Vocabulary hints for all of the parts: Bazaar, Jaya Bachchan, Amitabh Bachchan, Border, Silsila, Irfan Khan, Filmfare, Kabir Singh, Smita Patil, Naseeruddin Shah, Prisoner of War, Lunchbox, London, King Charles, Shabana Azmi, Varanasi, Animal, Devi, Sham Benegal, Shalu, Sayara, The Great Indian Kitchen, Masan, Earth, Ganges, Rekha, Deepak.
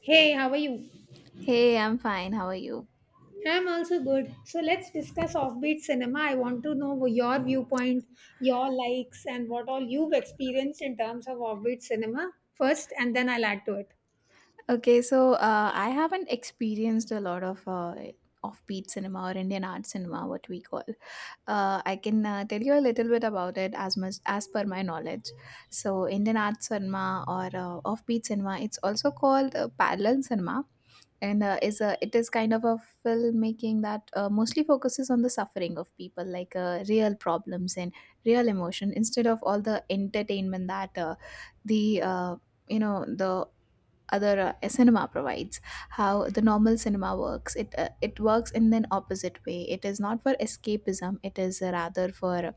Hey, how are you? Hey, I'm fine. How are you? I'm also good. So let's discuss offbeat cinema. I want to know your viewpoint, your likes, and what all you've experienced in terms of offbeat cinema first, and then I'll add to it. Okay, so I haven't experienced a lot of offbeat cinema or Indian art cinema, what we call. I can tell you a little bit about it as much as per my knowledge. So, Indian art cinema or offbeat cinema, it's also called parallel cinema. And is a it is kind of a filmmaking that mostly focuses on the suffering of people, like real problems and real emotion, instead of all the entertainment that the you know the other cinema provides. How the normal cinema works, it works in an opposite way. It is not for escapism, it is rather for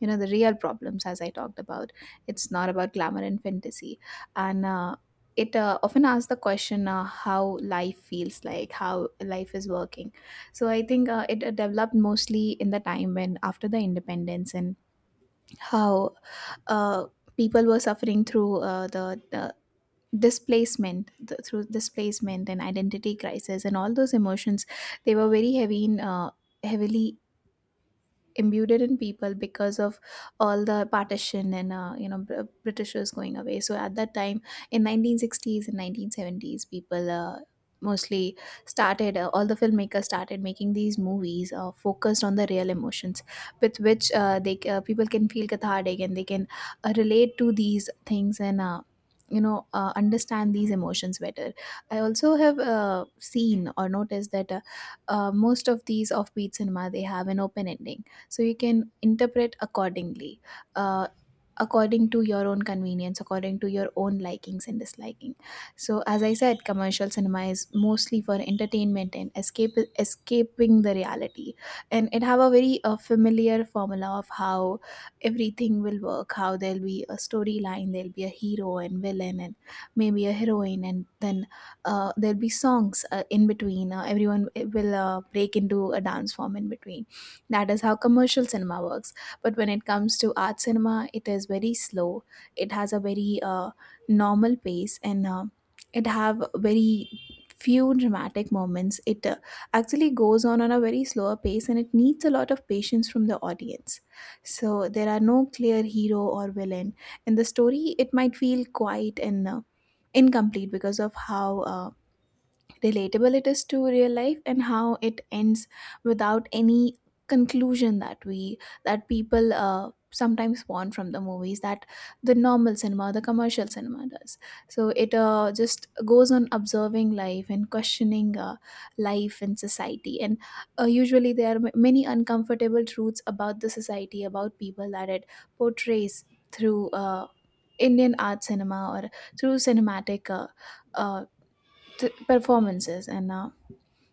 the real problems, as I talked about. It's not about glamour and fantasy, and it often asks the question, how life feels, like how life is working. So I think it developed mostly in the time when, after the independence, and how, uh, people were suffering through the displacement, through displacement and identity crisis, and all those emotions, they were very heavy in, heavily imbued in people because of all the partition, and britishers going away. So at that time, in 1960s and 1970s, people mostly started, all the filmmakers started making these movies, focused on the real emotions with which, they people can feel cathartic and they can relate to these things, and understand these emotions better. I also have seen or noticed that most of these offbeat cinema, they have an open ending, so you can interpret accordingly, uh, according to your own convenience, according to your own likings and disliking. So as I said, commercial cinema is mostly for entertainment and escape escaping the reality, and it have a very familiar formula of how everything will work. How there'll be a storyline, there'll be a hero and villain, and maybe a heroine, and then there'll be songs in between, everyone will break into a dance form in between. That is how commercial cinema works. But when it comes to art cinema, it is very slow. It has a very normal pace, and it have very few dramatic moments. It actually goes on a very slower pace, and it needs a lot of patience from the audience. So there are no clear hero or villain in the story. It might feel quiet and incomplete because of how uh, relatable it is to real life, and how it ends without any conclusion that we that people sometimes want from the movies, that the normal cinema, the commercial cinema, does. So it just goes on observing life and questioning life and society, and usually there are many uncomfortable truths about the society, about people, that it portrays through indian art cinema, or through cinematic uh, performances. And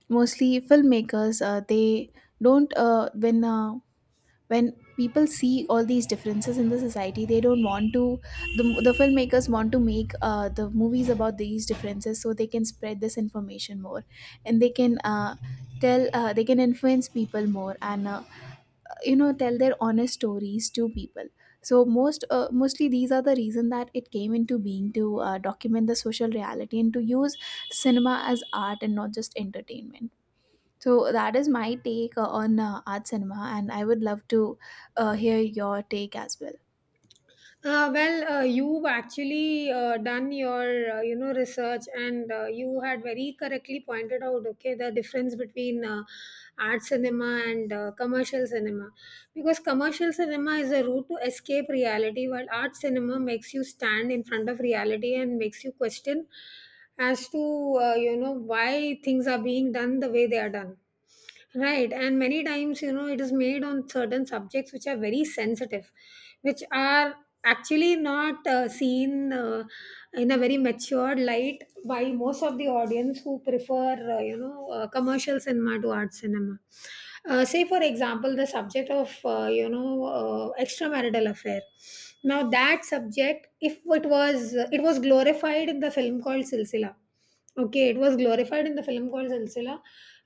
mostly filmmakers, they don't when people see all these differences in the society, they don't want to, the filmmakers want to make the movies about these differences, so they can spread this information more, and they can tell, they can influence people more, and tell their honest stories to people. So mostly these are the reason that it came into being, to document the social reality, and to use cinema as art and not just entertainment. So that is my take on art cinema, and I would love to hear your take as well. You've actually done your research, and you had very correctly pointed out, okay, the difference between art cinema and commercial cinema, because commercial cinema is a route to escape reality, while art cinema makes you stand in front of reality and makes you question as to why things are being done the way they are done. Right, and many times, you know, it is made on certain subjects which are very sensitive, which are actually not seen in a very matured light by most of the audience who prefer, commercial cinema to art cinema. Say, for example, the subject of, extramarital affair. Now, that subject, if it was, it was glorified in the film called Silsila. Okay, it was glorified in the film called Silsila,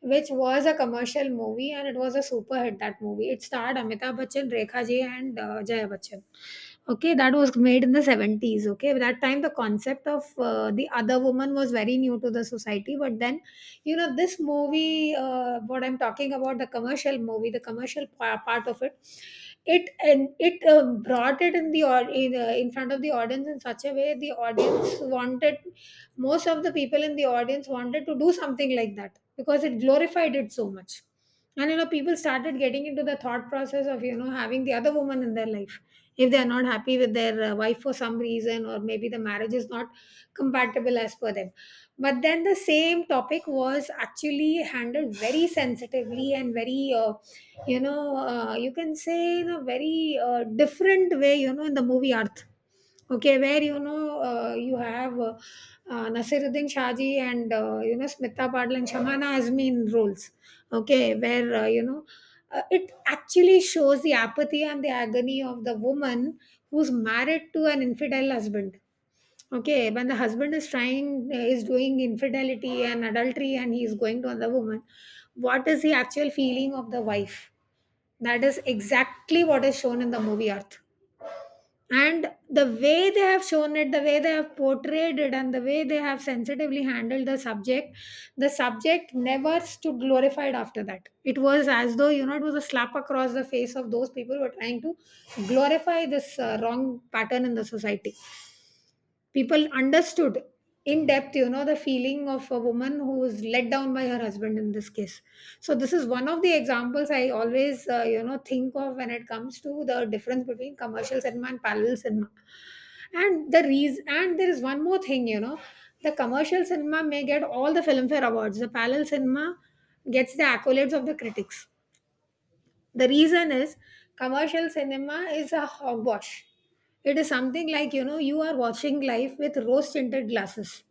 which was a commercial movie, and it was a super hit, that movie. It starred Amitabh Bachchan, Rekha Ji and Jaya Bachchan. Okay, that was made in the 70s. Okay, that time the concept of the other woman was very new to the society, but then, you know, this movie, what I'm talking about, the commercial movie, the commercial part of it, it and it brought it in the, or in front of the audience in such a way the audience wanted, most of the people in the audience wanted to do something like that, because it glorified it so much. And you know, people started getting into the thought process of, you know, having the other woman in their life if they are not happy with their wife for some reason, or maybe the marriage is not compatible as per them. But then the same topic was actually handled very sensitively and very, you can say, in a very different way, you know, in the movie Earth. Okay, where, you have, Nasiruddin Shaji and, Smita Padla and Shamana Azmi in roles. Okay, where, it actually shows the apathy and the agony of the woman who's married to an infidel husband. Okay, when the husband is trying, is doing infidelity and adultery, and he's going to another woman, what is the actual feeling of the wife? That is exactly what is shown in the movie Earth, and the way they have shown it, the way they have portrayed it, and the way they have sensitively handled the subject never stood glorified after that. It was as though, you know, it was a slap across the face of those people who are trying to glorify this wrong pattern in the society. People understood in depth, you know, the feeling of a woman who is let down by her husband in this case. So, this is one of the examples I always, think of when it comes to the difference between commercial cinema and parallel cinema. And the reason, and there is one more thing, you know, the commercial cinema may get all the Filmfare awards, the parallel cinema gets the accolades of the critics. The reason is, commercial cinema is a hogwash. It is something like, you know, you are watching life with rose tinted glasses.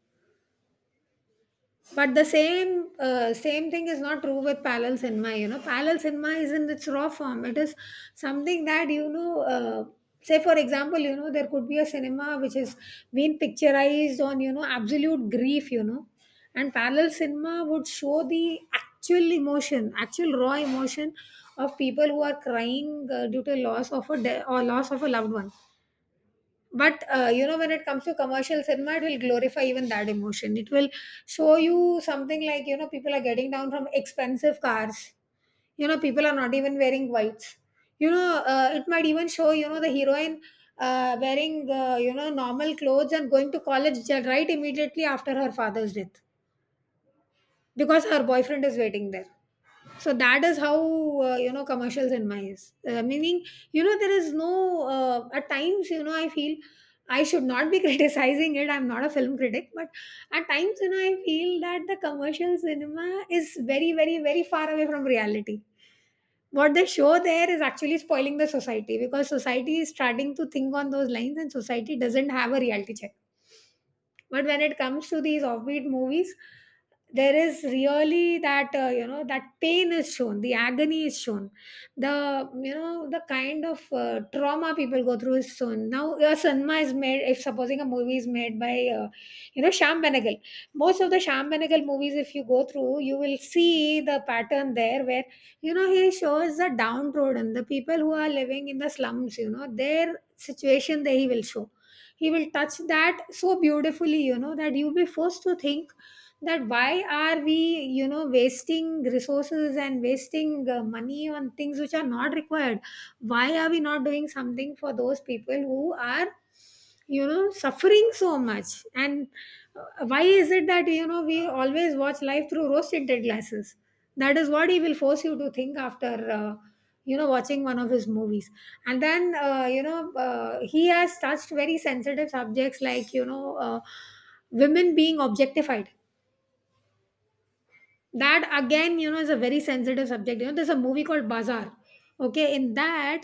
But the same, same thing is not true with parallel cinema. You know, parallel cinema is in its raw form. It is something that, say for example, you know, there could be a cinema which is being picturized on, you know, absolute grief, you know, and parallel cinema would show the actual emotion, actual raw emotion of people who are crying due to loss of a de- or loss of a loved one. But, you know, when it comes to commercial cinema, it will glorify even that emotion. It will show you something like, you know, people are getting down from expensive cars, you know, people are not even wearing whites. You know, it might even show, you know, the heroine wearing, normal clothes and going to college, right immediately after her father's death, because her boyfriend is waiting there. So that is how, you know, commercials, in my eyes, meaning, you know, there is no, at times, you know, I feel I should not be criticizing it, I'm not a film critic, but at times, you know, I feel that the commercial cinema is very, very, very far away from reality. What they show there is actually spoiling the society, because society is starting to think on those lines, and society doesn't have a reality check. But when it comes to these offbeat movies, there is really that, you know, that pain is shown, the agony is shown, the, you know, the kind of trauma people go through is shown. Now, a cinema is made, if supposing a movie is made by, you know, Sham Benegal, most of the Sham Benegal movies, if you go through, you will see the pattern there, where, you know, he shows the downtrodden, the people who are living in the slums, you know, their situation, that he will show, he will touch that so beautifully, you know, that you'll be forced to think that why are we, you know, wasting resources and wasting money on things which are not required. Why are we not doing something for those people who are, you know, suffering so much, and uh, why is it that, you know, we always watch life through rose tinted glasses? That is what he will force you to think after, you know, watching one of his movies. And then, he has touched very sensitive subjects like, women being objectified. That again, you know, is a very sensitive subject. You know, there's a movie called Bazaar. Okay, in that,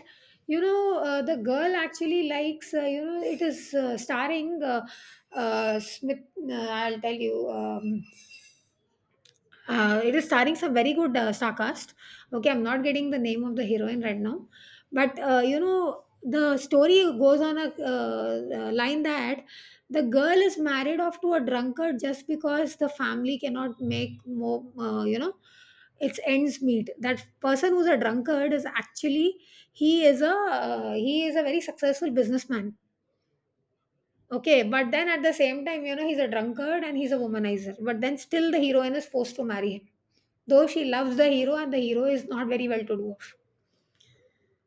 the girl actually likes, it is starring, Smith, I'll tell you, it is starring some very good star cast. Okay, I'm not getting the name of the heroine right now. But, you know, the story goes on a line that the girl is married off to a drunkard, just because the family cannot make more, its ends meet. That person who's a drunkard is actually, he is a very successful businessman. Okay, but then at the same time, you know, he's a drunkard and he's a womanizer. But then still the heroine is forced to marry him. Though she loves the hero, and the hero is not very well to do.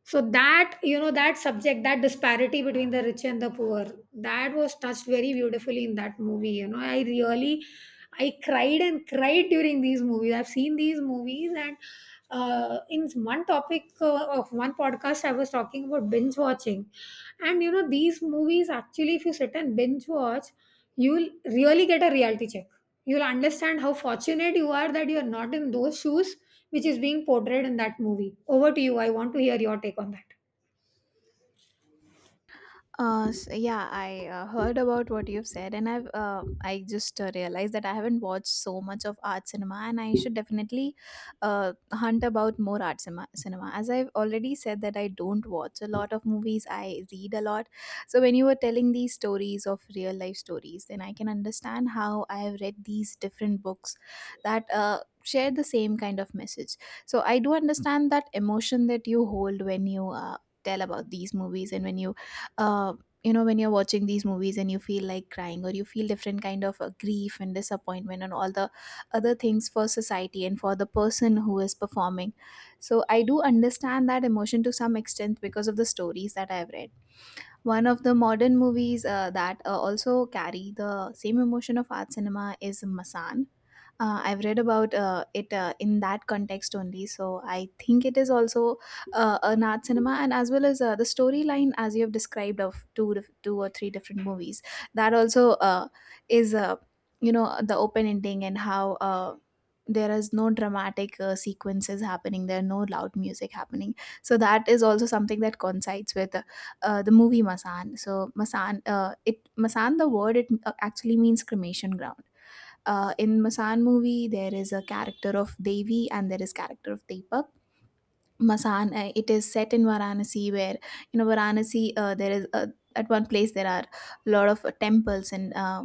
So that, you know, that subject, that disparity between the rich and the poor, that was touched very beautifully in that movie. You know, I really, I cried and cried during these movies. I've seen these movies, and in one topic of one podcast, I was talking about binge watching, and you know, these movies actually, if you sit and binge watch, you'll really get a reality check. You'll understand how fortunate you are that you are not in those shoes which is being portrayed in that movie. Over to you. I want to hear your take on that. S Yeah, I heard about what you've said, and I just realized that I haven't watched so much of art cinema, and I should definitely uh, hunt about more art cinema. As I've already said that I don't watch a lot of movies, I read a lot. So when you were telling these stories of real life stories, then I can understand how I have read these different books that share the same kind of message. So I do understand that emotion that you hold when you tell about these movies, and uh, when you're watching these movies and you feel like crying, or you feel different kind of grief and disappointment and all the other things for society and for the person who is performing. So I do understand that emotion to some extent because of the stories that I've read. One of the modern movies that also carry the same emotion of art cinema is Masan. I've read about it in that context only, so I think it is also an art cinema, and as well as the storyline as you have described of two or three different movies. That also is, the open ending, and how. There is no dramatic sequences happening, there are no loud music happening, so that is also something that coincides with the movie Masan. So Masan, it Masan, the word, it actually means cremation ground. In Masan movie, there is a character of Devi and there is character of Deepak. Masan, it is set in Varanasi, where you know Varanasi. There is At one place there are a lot of temples, and uh,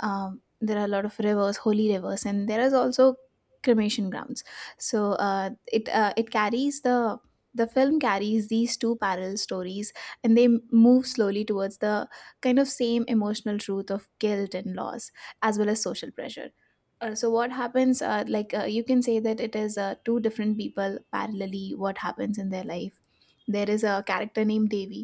um, there are a lot of rivers, holy rivers, and there is also cremation grounds. So it it carries the film carries these two parallel stories, and they move slowly towards the kind of same emotional truth of guilt and loss, as well as social pressure. So what happens, like you can say that it is two different people parallelly, what happens in their life. There is a character named Devi.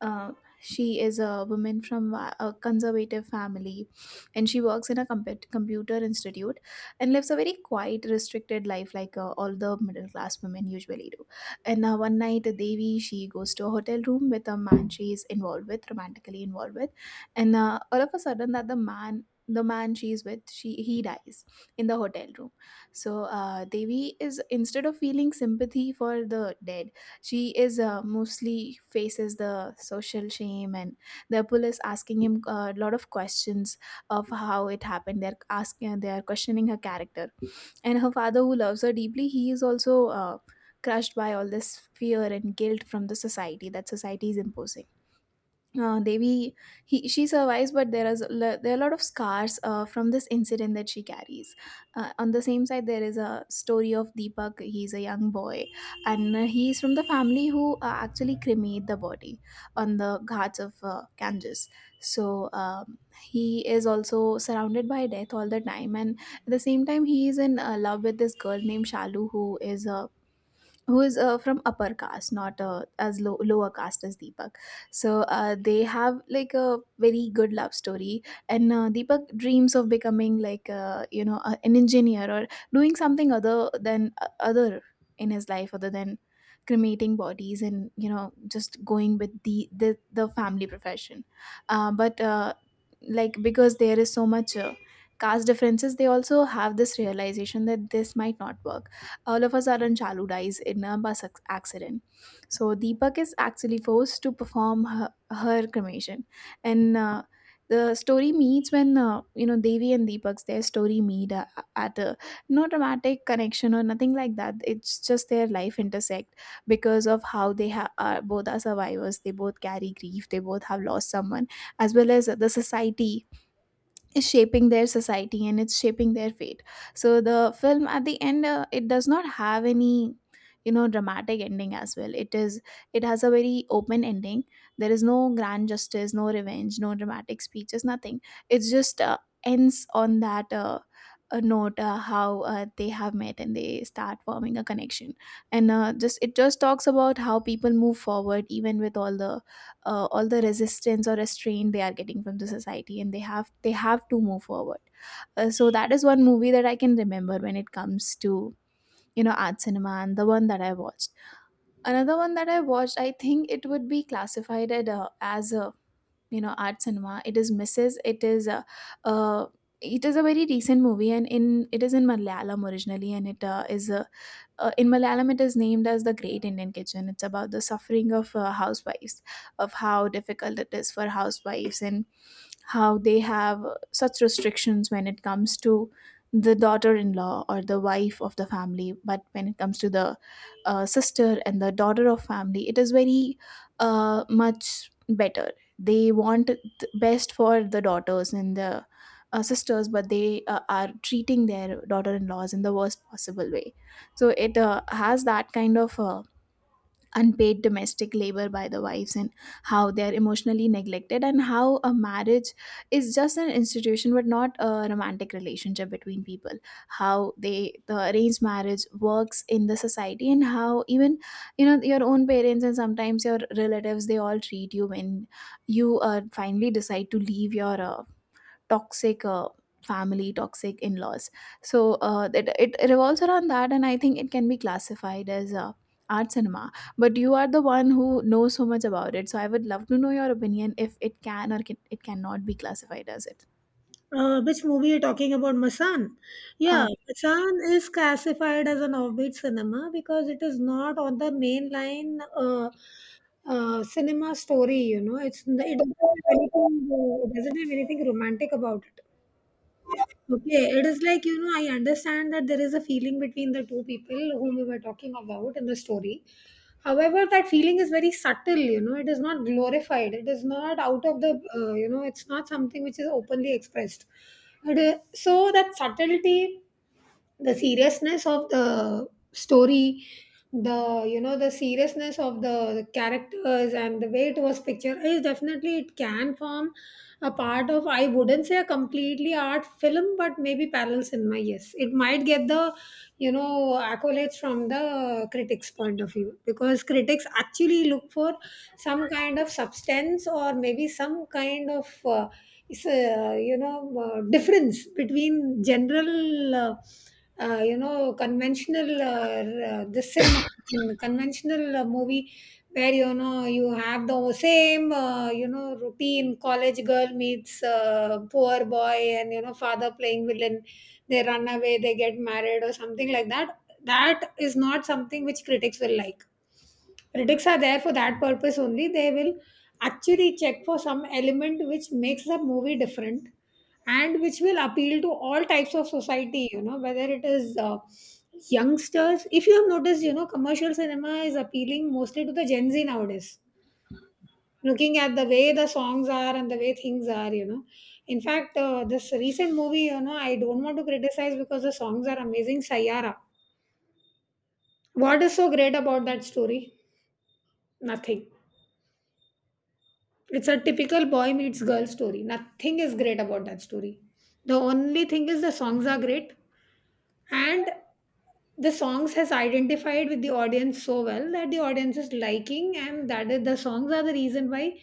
uh, she is a woman from a conservative family, and she works in a computer institute, and lives a very quiet, restricted life, like all the middle class women usually do. And one night, devi she goes to a hotel room with a man she is involved with, romantically involved with. And all of a sudden, that the man she's with, she he dies in the hotel room. So devi is instead of feeling sympathy for the dead, she is mostly faces the social shame, and the police asking him a lot of questions of how it happened. They're asking, they are questioning her character. And her father, who loves her deeply, he is also crushed by all this fear and guilt from the society that society is imposing. Devi, she survives, but there are a lot of scars from this incident that she carries. On the same side, there is a story of Deepak. He's a young boy, and he's from the family who actually cremate the body on the ghats of Ganges. So he is also surrounded by death all the time, and at the same time, he is in love with this girl named Shalu, who is from upper caste, not lower caste as Deepak. So they have like a very good love story. And Deepak dreams of becoming, like, an engineer, or doing something other than, other in his life, other than cremating bodies, and just going with the family profession. But like, because there is so much caste differences, they also have this realization that this might not work. All of a sudden, Chalu dies in a bus accident. So Deepak is actually forced to perform her cremation, and the story meets when Devi and Deepak's their story meet at a, no dramatic connection or nothing like that. It's just their life intersect, because of how they ha- are both are survivors. They both carry grief. They both have lost someone, as well as the society is shaping their society and it's shaping their fate. So the film at the end, it does not have any dramatic ending as well. It is, it has a very open ending. There is no grand justice, no revenge, no dramatic speeches, nothing. It just ends on that a note, how they have met and they start forming a connection. And just it just talks about how people move forward even with all the resistance or restraint they are getting from the society, and they have to move forward. So that is one movie that I can remember when it comes to art cinema and the one that I watched. Another one that I watched, I think it would be classified as a art cinema. It is Mrs. It is a, uh, it is a very recent movie, and in it is in Malayalam originally, and it is a, in Malayalam, it is named as The Great Indian Kitchen. It's about the suffering of housewives, of how difficult it is for housewives, and how they have such restrictions when it comes to the daughter-in-law or the wife of the family, but when it comes to the sister and the daughter of family, it is very much better. They want the best for the daughters and the sisters, but they are treating their daughter-in-laws in the worst possible way. So it has that kind of unpaid domestic labor by the wives, and how they are emotionally neglected, and how a marriage is just an institution but not a romantic relationship between people. How the arranged marriage works in the society, and how even your own parents and sometimes your relatives, they all treat you when you finally decide to leave your toxic family, toxic in-laws. So it revolves around that, and I think it can be classified as art cinema, but you are the one who knows so much about it, so I would love to know your opinion if it can or it cannot be classified as it. Which movie you're talking about, Masan? Yeah, uh, Masan is classified as an offbeat cinema because it is not on the mainline cinema story. You know, it's, it doesn't have anything. It doesn't have anything romantic about it. Okay, it is like, you know, I understand that there is a feeling between the two people whom we were talking about in the story. However, that feeling is very subtle, you know, it is not glorified, it is not out of the, it's not something which is openly expressed. It is, so, that subtlety, the seriousness of the story, the, you know, the seriousness of the characters, and the way it was picturized, definitely it can form a part of, I wouldn't say a completely art film, but maybe parallel cinema. Yes, it might get the, you know, accolades from the critics' point of view, because critics actually look for some kind of substance, or maybe some kind of, is a, you know, difference between general, conventional, this cinema, in conventional movie, where, you know, you have the same, routine. College girl meets poor boy, and, you know, father playing villain. They run away, they get married, or something like that. That is not something which critics will like. Critics are there for that purpose only. They will actually check for some element which makes the movie different and which will appeal to all types of society, whether it is youngsters. If you have noticed, commercial cinema is appealing mostly to the Gen Z nowadays, looking at the way the songs are and the way things are, in fact, this recent movie, I don't want to criticize, because the songs are amazing. Sayara what is so great about that story? Nothing. It's a typical boy meets girl story. Nothing is great about that story. The only thing is the songs are great. And the songs has identified with the audience so well that the audience is liking, and that is, the songs are the reason why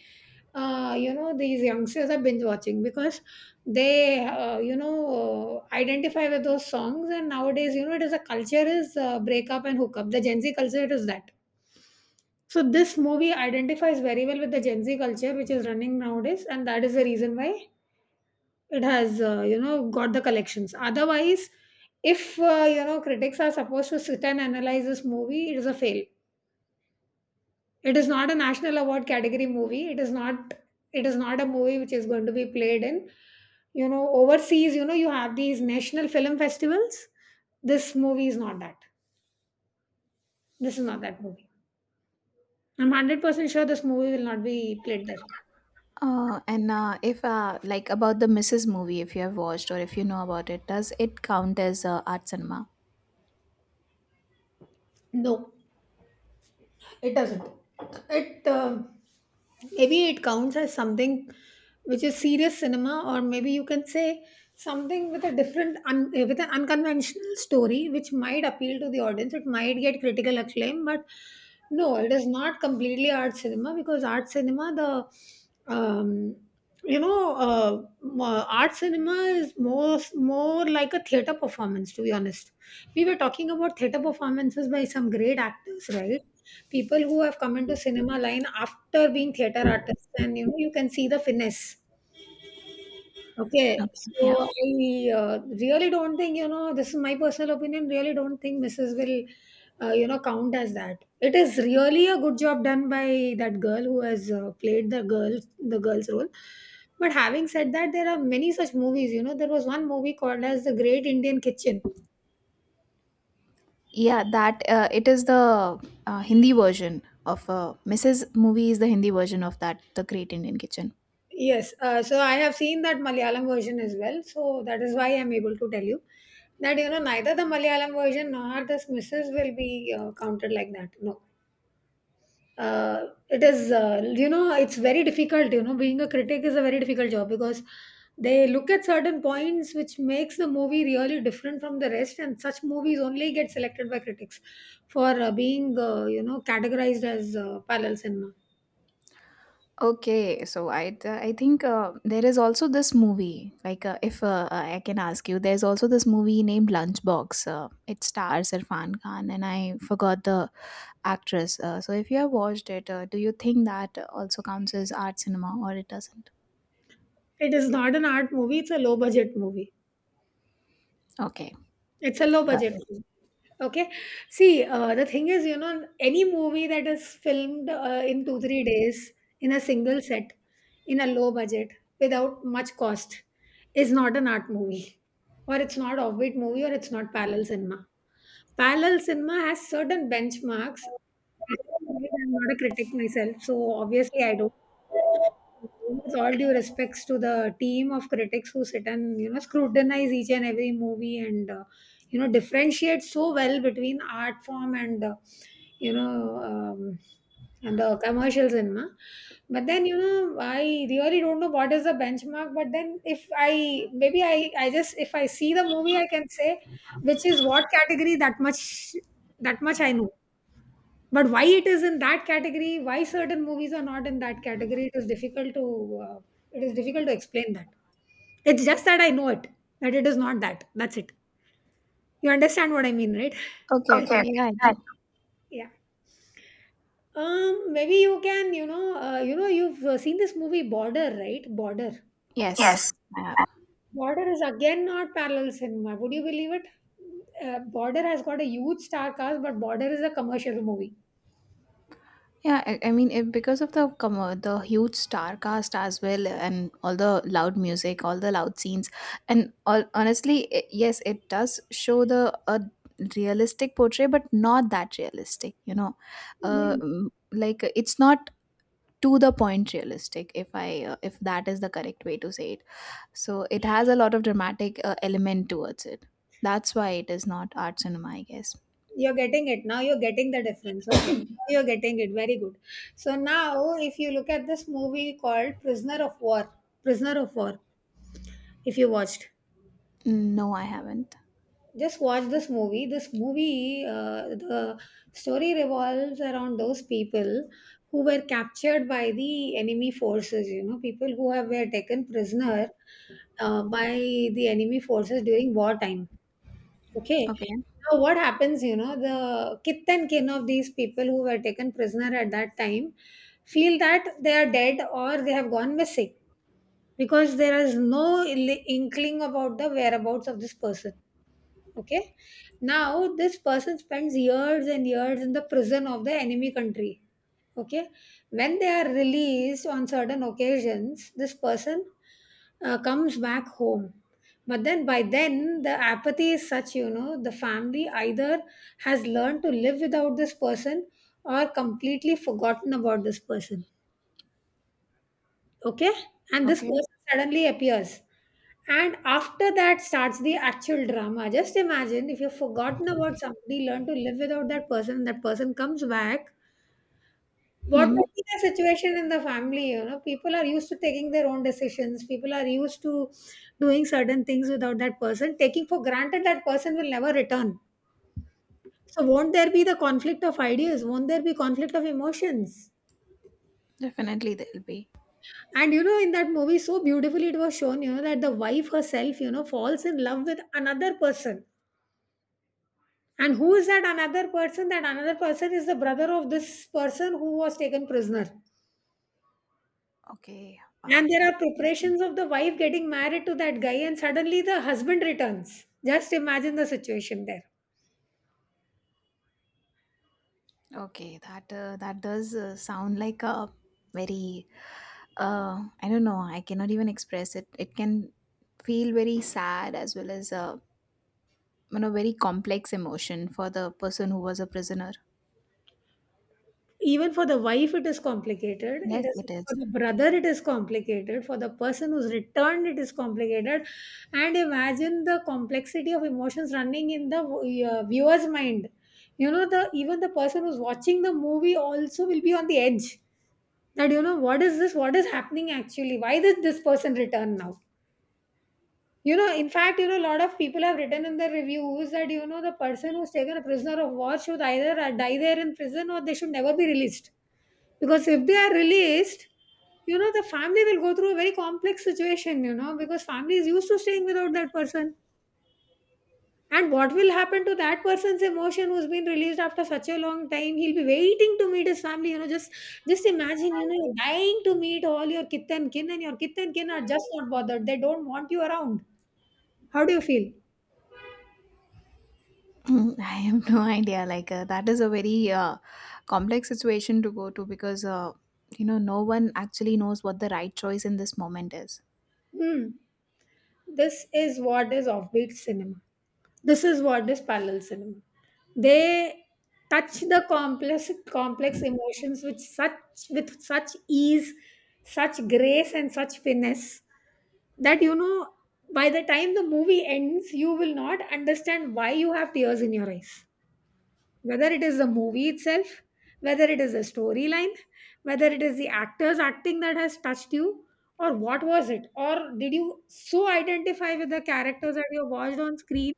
these youngsters are binge watching, because they, identify with those songs. And nowadays, it is a culture, is breakup and hookup. The Gen Z culture is that. So this movie identifies very well with the Gen Z culture which is running nowadays, and that is the reason why it has got the collections. Otherwise, if critics are supposed to sit and analyze this movie, it is a fail. It is not a national award category movie. It is not. It is not a movie which is going to be played in, overseas. You have these national film festivals. This movie is not that. This is not that movie. I'm 100% sure this movie will not be played there. uh, and uh, if like about the Mrs. movie, if you have watched or if you know about it, does it count as art cinema? No. It doesn't. It Maybe it counts as something which is serious cinema, or maybe you can say something with a different, with an unconventional story, which might appeal to the audience. It might get critical acclaim, but no, it is not completely art cinema, because art cinema, the art cinema is more like a theater performance. To be honest, we were talking about theater performances by some great actors, right? People who have come into cinema line after being theater artists, and you can see the finesse. Okay. Okay, so Yeah. I really don't think, this is my personal opinion, really don't think Mrs. will count as that. It is really a good job done by that girl who has played the girl, the girl's role. But having said that, there are many such movies. There was one movie called as The Great Indian Kitchen. Yeah, that it is the Hindi version of Mrs. movie is the Hindi version of that, The Great Indian Kitchen. Yes, so I have seen that Malayalam version as well. So that is why I'm able to tell you that, neither the Malayalam version nor the Misses will be counted like that. No, it is it's very difficult. You know, being a critic is a very difficult job, because they look at certain points which makes the movie really different from the rest, and such movies only get selected by critics for being categorized as parallel cinema. Okay, so I think there is also this movie. Like if I can ask you, there's also this movie named Lunchbox. It stars Irfan Khan, and I forgot the actress. So if you have watched it, do you think that also counts as art cinema, or it doesn't? It is not an art movie; it's a low budget movie. Okay, It's a low got budget it. film. Okay. See, the thing is, any movie that is filmed in 2, 3 days, in a single set, in a low budget, without much cost, is not an art movie. Or it's not offbeat movie, or it's not parallel cinema. Parallel cinema has certain benchmarks. I'm not a critic myself, so obviously I don't, with all due respects to the team of critics who sit and scrutinize each and every movie, and differentiate so well between art form and you know um, and the commercial cinema. But then, I really don't know what is the benchmark. But then, if I, maybe I just, if I see the movie, I can say which is what category. That much I know. But why it is in that category, why certain movies are not in that category, it is difficult to uh, it is difficult to explain that. It's just that I know it, that it is not that. That's it. You understand what I mean, right? Okay, okay, Okay. yeah, I Right. do. Yeah. Maybe you can, you've seen this movie Border, right? Border. Yes, Yes. I. Border is again not parallel cinema, would you believe it? Border has got a huge star cast, but Border is a commercial movie. Yeah, I mean, because of the the huge star cast as well, and all the loud music, all the loud scenes, and all honestly, it, yes, it does show the a realistic portray, but not that realistic. You know, Mm. Like it's not to the point realistic, if I if that is the correct way to say it. So it has a lot of dramatic element towards it. That's why it is not art cinema, I guess. You're getting it now. You're getting the difference. Okay. Now you're getting it. Very good. So now, if you look at this movie called Prisoner of War, Prisoner of War, if you watched No, I haven't. just watch this movie. This movie, the story revolves around those people who were captured by the enemy forces. People who have, were taken prisoner by the enemy forces during wartime. Okay. Okay, Now what happens, the kith and kin of these people who were taken prisoner at that time feel that they are dead or they have gone missing, because there is no inkling about the whereabouts of this person. Okay. Now, this person spends years and years in the prison of the enemy country. Okay. When they are released on certain occasions, this person comes back home. But then, by then, the apathy is such, you know, the family either has learned to live without this person, or completely forgotten about this person. Okay. And this okay. person suddenly appears, and after that starts the actual drama. Just imagine, if you've forgotten about somebody, learn to live without that person, and that person comes back, what would Hmm. be the situation in the family? You know, people are used to taking their own decisions, people are used to doing certain things without that person, taking for granted that person will never return. So won't there be the conflict of ideas? Won't there be conflict of emotions? Definitely there'll be. And you know, in that movie, so beautifully it was shown, you know, that the wife herself, you know, falls in love with another person. And who is that another person? That another person is the brother of this person who was taken prisoner. Okay, wow. And there That, are preparations of the wife getting married to that guy, and suddenly the husband returns. Just imagine the situation there. okay, that that does sound like a very. Uh, I don't know, I cannot even express it. It can feel very sad, as well as a very complex emotion for the person who was a prisoner. Even for the wife, it is complicated. Yes, It is, it is. for the brother, it is complicated. For the person who's returned, it is complicated. And imagine the complexity of emotions running in the viewer's mind. The even the person who's watching the movie also will be on the edge. That, you know, what is this? What is happening actually? Why did this person return now? You know, in fact, you know, a lot of people have written in the reviews that, the person who's taken a prisoner of war should either die there in prison, or they should never be released, because if they are released, you know, the family will go through a very complex situation, you know, because family is used to staying without that person. And what will happen to that person's emotion who's been released after such a long time? He'll be waiting to meet his family, you know, just imagine, you know, you're dying to meet all your kith and kin, and your kith and kin are just not bothered. They don't want you around. How do you feel? Mm, I have no idea. Like that is a very complex situation to go to, because no one actually knows what the right choice in this moment is. Hmm. This is what is offbeat cinema. This is what is parallel cinema. They touch the complex, complex emotions with such, with such ease, such grace, and such finesse, that by the time the movie ends, you will not understand why you have tears in your eyes. Whether it is the movie itself, whether it is the storyline, whether it is the actors acting that has touched you, or what was it? Or did you so identify with the characters that you watched on screen,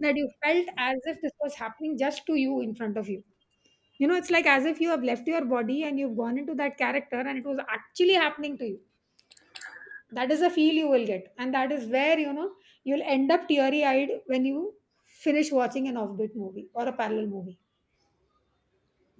that you felt as if this was happening just to you, in front of you? You know, it's like as if you have left your body and you've gone into that character and it was actually happening to you. That is the feel you will get. And that is where, you know, you'll end up teary eyed when you finish watching an offbeat movie or a parallel movie.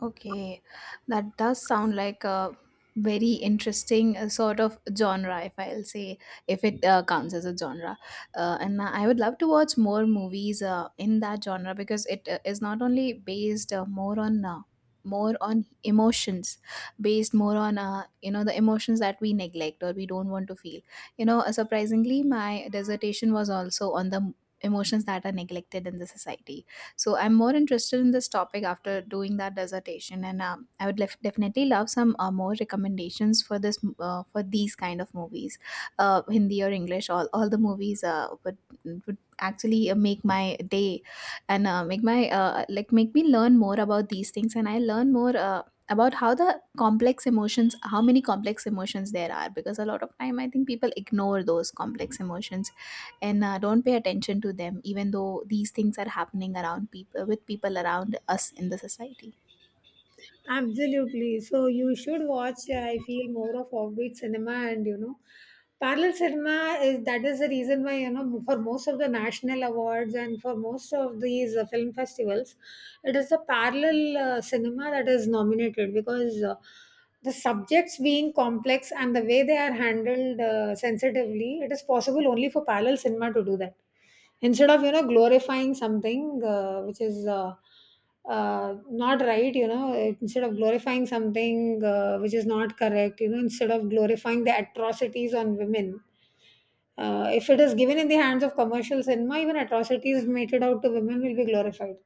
Okay, that does sound like a very interesting sort of genre, if I'll say, if it counts as a genre. And I would love to watch more movies in that genre, because it is not only based more on. More on emotions, based more on the emotions that we neglect or we don't want to feel. Surprisingly, my dissertation was also on the emotions that are neglected in the society, so I'm more interested in this topic after doing that dissertation. And I would definitely love some more recommendations for this for these kind of movies, Hindi or English. All the movies would actually make my day, and make my like make me learn more about these things, and I learn more. About how the complex emotions, how many complex emotions there are, because a lot of time I think people ignore those complex emotions and don't pay attention to them, even though these things are happening around people, with people around us in the society. Absolutely. So you should watch, I feel, more of offbeat cinema. And you know, parallel cinema is that is the reason why, for most of the national awards and for most of these film festivals, it is a parallel cinema that is nominated, because the subjects being complex and the way they are handled sensitively, it is possible only for parallel cinema to do that. Instead of glorifying something which is not right, you know, instead of glorifying something which is not correct, you know, instead of glorifying the atrocities on women, if it is given in the hands of commercial cinema, even atrocities meted out to women will be glorified,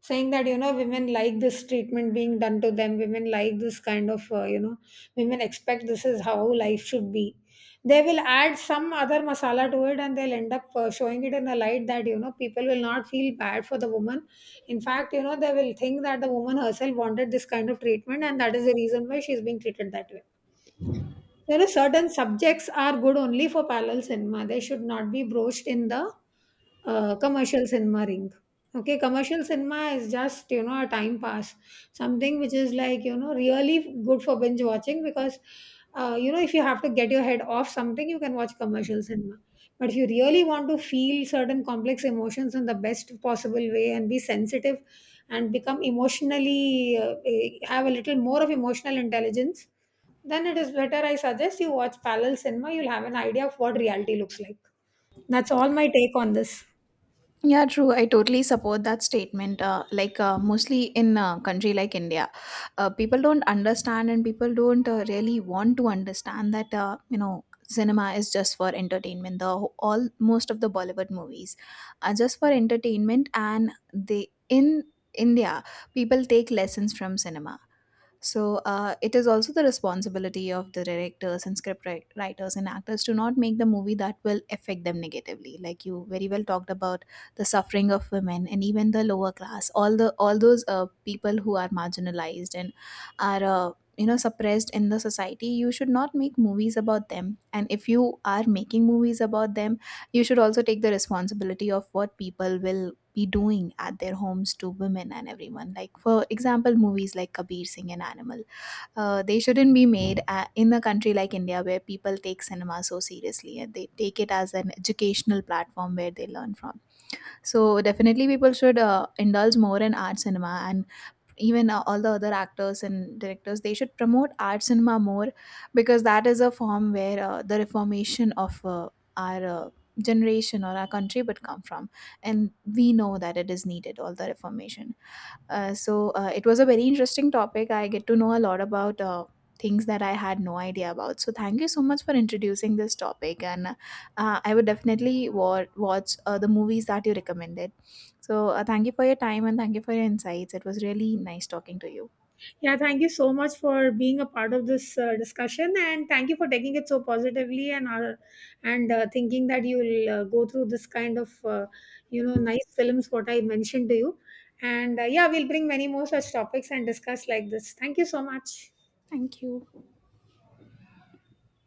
saying that women like this treatment being done to them, women like this kind of women expect this is how life should be. They will add some other masala to it, and they'll end up showing it in a light that, people will not feel bad for the woman. In fact, they will think that the woman herself wanted this kind of treatment, and that is the reason why she's being treated that way. There are certain subjects are good only for parallel cinema. They should not be broached in the commercial cinema ring. Okay, commercial cinema is just, a time pass, something which is like, really good for binge watching, because if you have to get your head off something, you can watch commercial cinema. But if you really want to feel certain complex emotions in the best possible way and be sensitive, and become emotionally have a little more of emotional intelligence, then it is better, I suggest you watch parallel cinema. You'll have an idea of what reality looks like. That's all, my take on this. Yeah, true, I totally support that statement. Mostly in a country like India, people don't understand, and people don't really want to understand that, cinema is just for entertainment. The all, most of the Bollywood movies are just for entertainment, and they, in India, people take lessons from cinema. So it is also the responsibility of the directors and script writers and actors to not make the movie that will affect them negatively. Like you very well talked about the suffering of women, and even the lower class, all those people who are marginalized and are, suppressed in the society. You should not make movies about them. And if you are making movies about them, you should also take the responsibility of what people will be doing at their homes to women and everyone, like, for example, movies like Kabir Singh and Animal, they shouldn't be made in a country like India where people take cinema so seriously and they take it as an educational platform where they learn from. So definitely people should indulge more in art cinema, and even all the other actors and directors, they should promote art cinema more, because that is a form where the reformation of our generation or our country would come from. And we know that it is needed, all the reformation. It was a very interesting topic. I get to know a lot about things that I had no idea about. So thank you so much for introducing this topic, and I would definitely watch the movies that you recommended. So thank you for your time, and thank you for your insights. It was really nice talking to you. Yeah, thank you so much for being a part of this discussion, and thank you for taking it so positively, and thinking that you'll go through this kind of nice films what I mentioned to you. And yeah, we'll bring many more such topics and discuss like this. Thank you so much. Thank you.